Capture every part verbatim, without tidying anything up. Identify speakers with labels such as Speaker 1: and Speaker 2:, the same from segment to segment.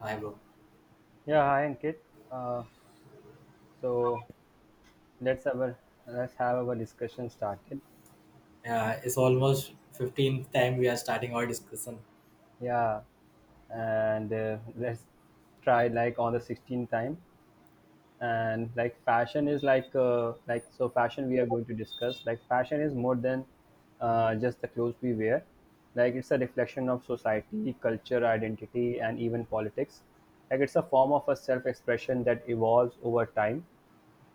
Speaker 1: Hi, bro.
Speaker 2: Yeah, hi Ankit. Uh, so let's have our let's have our discussion started.
Speaker 1: Yeah, it's almost fifteenth time we are starting our discussion.
Speaker 2: Yeah, and uh, let's try like on the sixteenth time. And like fashion is like uh, like so fashion we are going to discuss, like fashion is more than uh, just the clothes we wear. Like it's a reflection of society, culture, identity, and even politics. Like it's a form of a self-expression that evolves over time,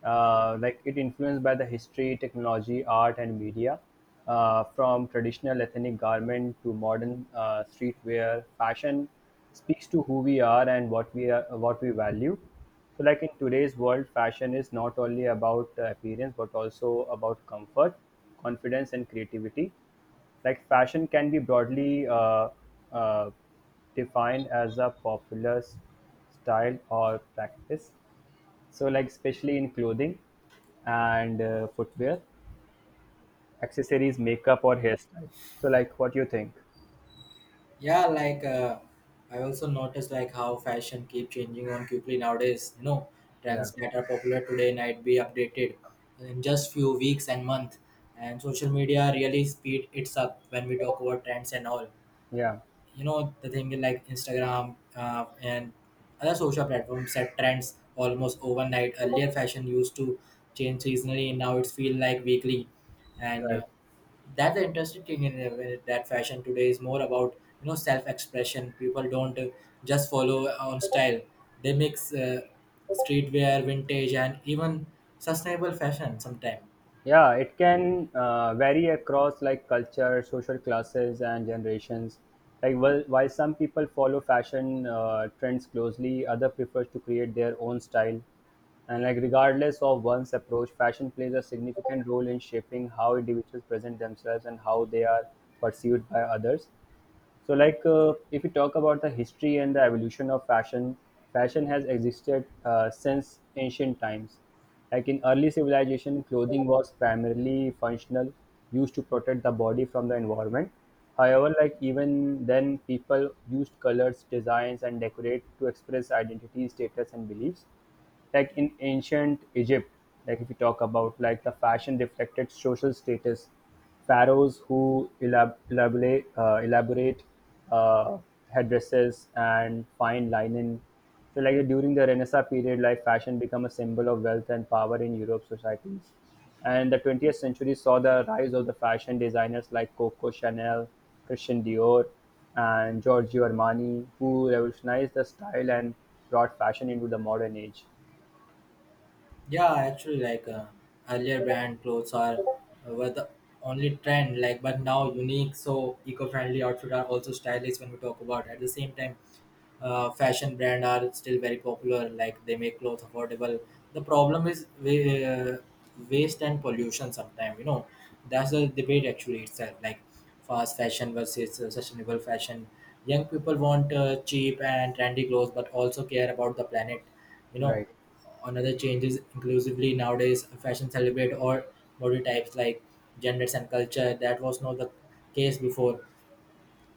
Speaker 2: uh, like it influenced by the history, technology, art, and media, uh, from traditional ethnic garment to modern uh, streetwear. Fashion speaks to who we are and what we are, what we value. So, like in today's world, fashion is not only about uh, appearance but also about comfort, confidence, and creativity. Like fashion can be broadly uh, uh, defined as a popular s- style or practice, so, like, especially in clothing and uh, footwear, accessories, makeup, or hairstyle. So, like, what you think?
Speaker 1: Yeah, like uh, I also noticed like how fashion keep changing on quickly nowadays. You know,
Speaker 2: Yeah,
Speaker 1: trends that are popular today might be updated in just few weeks and month. And social media really speed it's up when we talk about trends and all.
Speaker 2: yeah,
Speaker 1: You know, the thing is like Instagram uh, and other social platforms set trends almost overnight. Earlier, fashion used to change seasonally, and now it's feel like weekly and uh,
Speaker 2: right.
Speaker 1: that's the interesting thing in uh, that fashion today is more about, you know, self-expression. People don't uh, just follow on style. They mix uh, streetwear, vintage, and even sustainable fashion sometimes.
Speaker 2: Yeah, it can uh, vary across like culture, social classes, and generations. Like, well, while some people follow fashion uh, trends closely, other prefers to create their own style. And like, regardless of one's approach, fashion plays a significant role in shaping how individuals present themselves and how they are perceived by others. So, like, uh, if we talk about the history and the evolution of fashion, fashion has existed uh, since ancient times. Like in early civilization, clothing was primarily functional, used to protect the body from the environment. However, like even then, people used colors, designs, and decorate to express identity, status, and beliefs, like in ancient Egypt. Like if you talk about like the fashion reflected social status, Pharaohs who elab- elaborate uh, elaborate uh, headdresses and fine linen. So, like during the Renaissance period, like fashion became a symbol of wealth and power in Europe societies. And the twentieth century saw the rise of the fashion designers like Coco Chanel, Christian Dior, and Giorgio Armani, who revolutionized the style and brought fashion into the modern age.
Speaker 1: Yeah, actually, like uh, earlier, brand clothes are uh, were the only trend. Like, but now unique, so eco-friendly outfit are also stylish when we talk about. At the same time, uh, fashion brand are still very popular. Like, they make clothes affordable. The problem is we, uh, waste and pollution. Sometimes, you know, that's the debate actually itself. Like, fast fashion versus uh, sustainable fashion. Young people want uh, cheap and trendy clothes, but also care about the planet. You know.
Speaker 2: Right.
Speaker 1: Another change is inclusively nowadays fashion celebrate all body types, like genders and culture. That was not the case before.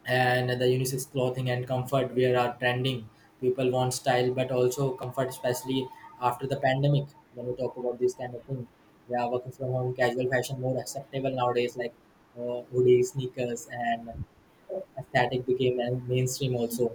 Speaker 1: And the unisex clothing and comfort wear are trending. People want style but also comfort, especially after the pandemic. When we talk about this kind of thing, we are working from home, casual fashion more acceptable nowadays, like uh, hoodies, sneakers, and aesthetic became a mainstream also.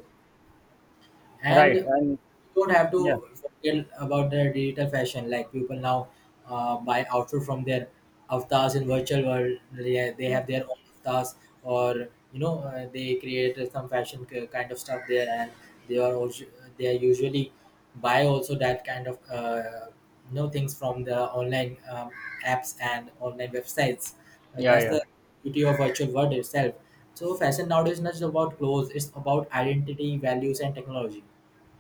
Speaker 2: Right.
Speaker 1: And
Speaker 2: And
Speaker 1: don't have
Speaker 2: yeah,
Speaker 1: to forget about the digital fashion. Like people now uh, buy outfit from their avatars in virtual world. They, they have their own avatars, or, you know, uh, they create some fashion k- kind of stuff there, and they are also they are usually buy also that kind of uh, you know things from the online um, apps and online websites. Uh,
Speaker 2: yeah,
Speaker 1: that's
Speaker 2: yeah.
Speaker 1: the beauty of virtual world itself. So fashion nowadays is not just about clothes; it's about identity, values, and technology.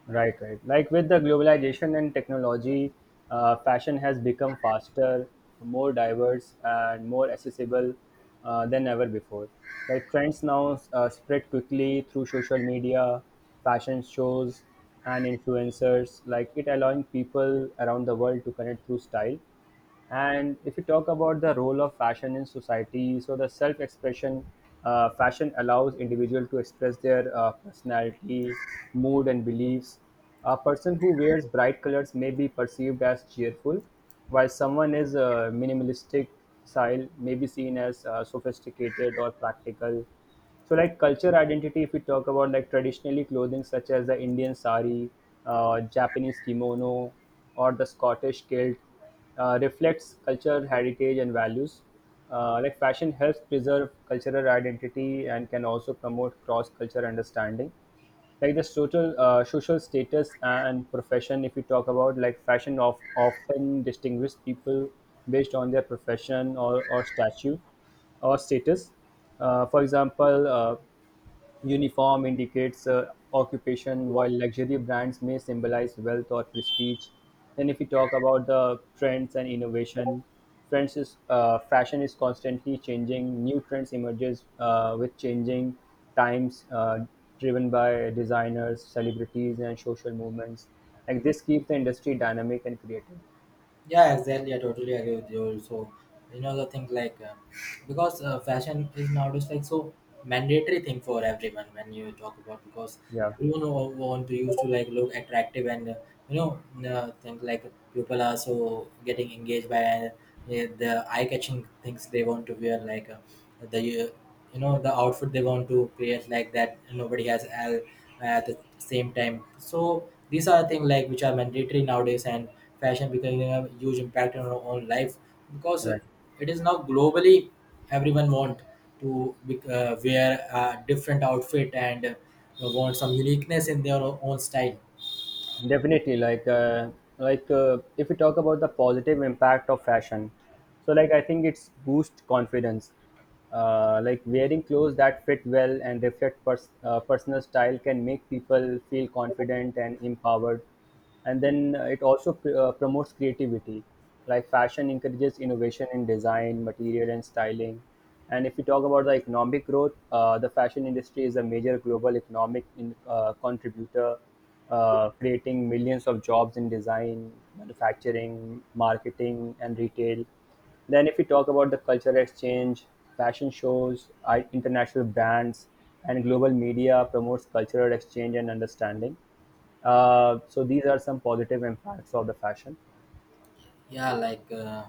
Speaker 2: Right, right. Like with the globalization and technology, uh, fashion has become faster, more diverse, and more accessible uh, than ever before. Like trends now uh, spread quickly through social media, fashion shows, and influencers. Like it allowing people around the world to connect through style. And if you talk about the role of fashion in society, so the self expression, uh, fashion allows individual to express their uh, personality, mood, and beliefs. A person who wears bright colors may be perceived as cheerful, while someone is uh, minimalistic style may be seen as uh, sophisticated or practical. So, like culture identity, if we talk about like traditionally clothing such as the Indian sari, uh, Japanese kimono, or the Scottish kilt, uh, reflects culture, heritage, and values. Uh, like fashion helps preserve cultural identity and can also promote cross-cultural understanding. Like the social uh, social status and profession, if you talk about like fashion, of often distinguish people based on their profession or or statue or status. Uh, for example, uh, uniform indicates uh, occupation, while luxury brands may symbolize wealth or prestige. Then, if we talk about the trends and innovation, trends is uh, fashion is constantly changing. New trends emerges uh, with changing times, uh, driven by designers, celebrities, and social movements. Like this keeps the industry dynamic and creative.
Speaker 1: Yeah, exactly, I totally agree with you. So, you know, the thing like uh, because uh, fashion is nowadays like so mandatory thing for everyone when you talk about, because
Speaker 2: Yeah,
Speaker 1: everyone wa- want to use to like look attractive and uh, you know, uh, think like people are so getting engaged by uh, the eye-catching things they want to wear, like uh, the uh, you know, the outfit they want to create like that nobody has al- at the same time. So these are things like which are mandatory nowadays, and fashion becoming a huge impact on our own life because
Speaker 2: right.
Speaker 1: it is now globally everyone want to be- uh, wear a different outfit and uh, want some uniqueness in their own style.
Speaker 2: Definitely, like uh, like uh, if we talk about the positive impact of fashion, so like I think it's boost confidence. Uh, like wearing clothes that fit well and reflect pers- uh, personal style can make people feel confident and empowered. And then uh, it also pr- uh, promotes creativity, like fashion encourages innovation in design material and styling. And if you talk about the economic growth, uh, the fashion industry is a major global economic in, uh, contributor, uh, creating millions of jobs in design manufacturing marketing and retail. Then if we talk about the cultural exchange, fashion shows, I- international brands and global media promotes cultural exchange and understanding. Uh, so these are some positive impacts of the fashion.
Speaker 1: Yeah, like uh,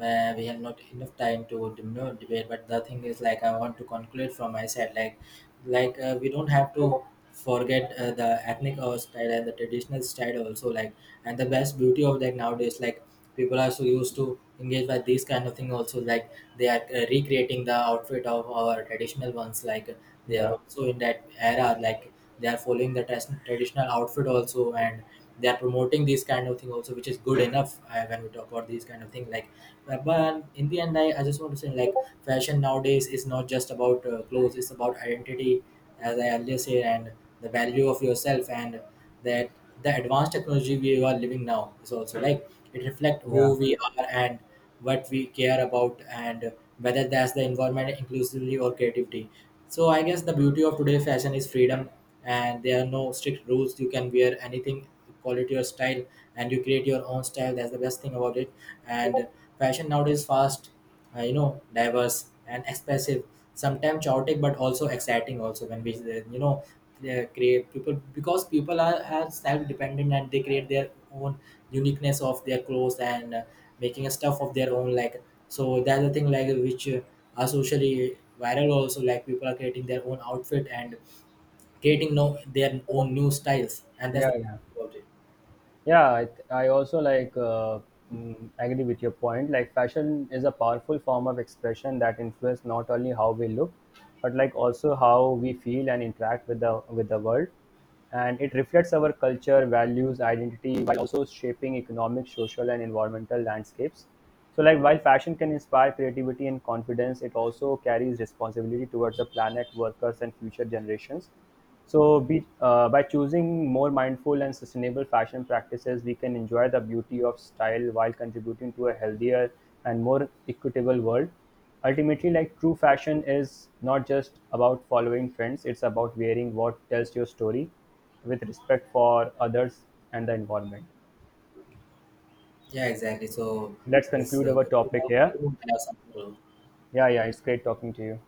Speaker 1: uh, we have not enough time to, you know, debate, but the thing is, like, I want to conclude from my side. Like, like uh, we don't have to forget uh, the ethnic uh, style and the traditional style also, like, and the best beauty of that nowadays, like, people are so used to engage by these kind of thing also, like, they are uh, recreating the outfit of our traditional ones, like, they are
Speaker 2: Yeah,
Speaker 1: also in that era, like, they are following the tras- traditional outfit also, and they are promoting these kind of thing also, which is good enough uh, when we talk about these kind of thing. Like uh, but in the end, I, I just want to say, like, fashion nowadays is not just about uh, clothes, it's about identity, as I earlier said, and the value of yourself and that the advanced technology we are living now is also like it reflect
Speaker 2: yeah,
Speaker 1: who we are and what we care about and whether that's the environment inclusively or creativity. So I guess the beauty of today fashion is freedom, and there are no strict rules. You can wear anything, quality or style, and you create your own style. That's the best thing about it. And fashion nowadays fast, uh, you know, diverse and expressive, sometimes chaotic but also exciting also when we uh, you know, uh, create people, because people are, are self-dependent and they create their own uniqueness of their clothes and uh, making a stuff of their own, like, so that's the thing like which uh, are socially viral also. Like people are creating their own outfit and creating, no, their own new styles, and that's
Speaker 2: yeah,
Speaker 1: the
Speaker 2: yeah.
Speaker 1: about it.
Speaker 2: Yeah, I, th- I also like uh, mm, agree with your point. Like fashion is a powerful form of expression that influences not only how we look, but like also how we feel and interact with the with the world. And it reflects our culture, values, identity, while also shaping economic, social, and environmental landscapes. So, like while fashion can inspire creativity and confidence, it also carries responsibility towards the planet, workers, and future generations. So, be, uh, by choosing more mindful and sustainable fashion practices, we can enjoy the beauty of style while contributing to a healthier and more equitable world. Ultimately, like true fashion is not just about following trends, it's about wearing what tells your story, with respect for others and the environment.
Speaker 1: Yeah, exactly. So
Speaker 2: Let's Yes.
Speaker 1: it's
Speaker 2: conclude
Speaker 1: uh,
Speaker 2: our
Speaker 1: good to
Speaker 2: topic
Speaker 1: talk with
Speaker 2: here.
Speaker 1: you. We have some people
Speaker 2: Yeah, yeah, it's great talking to you.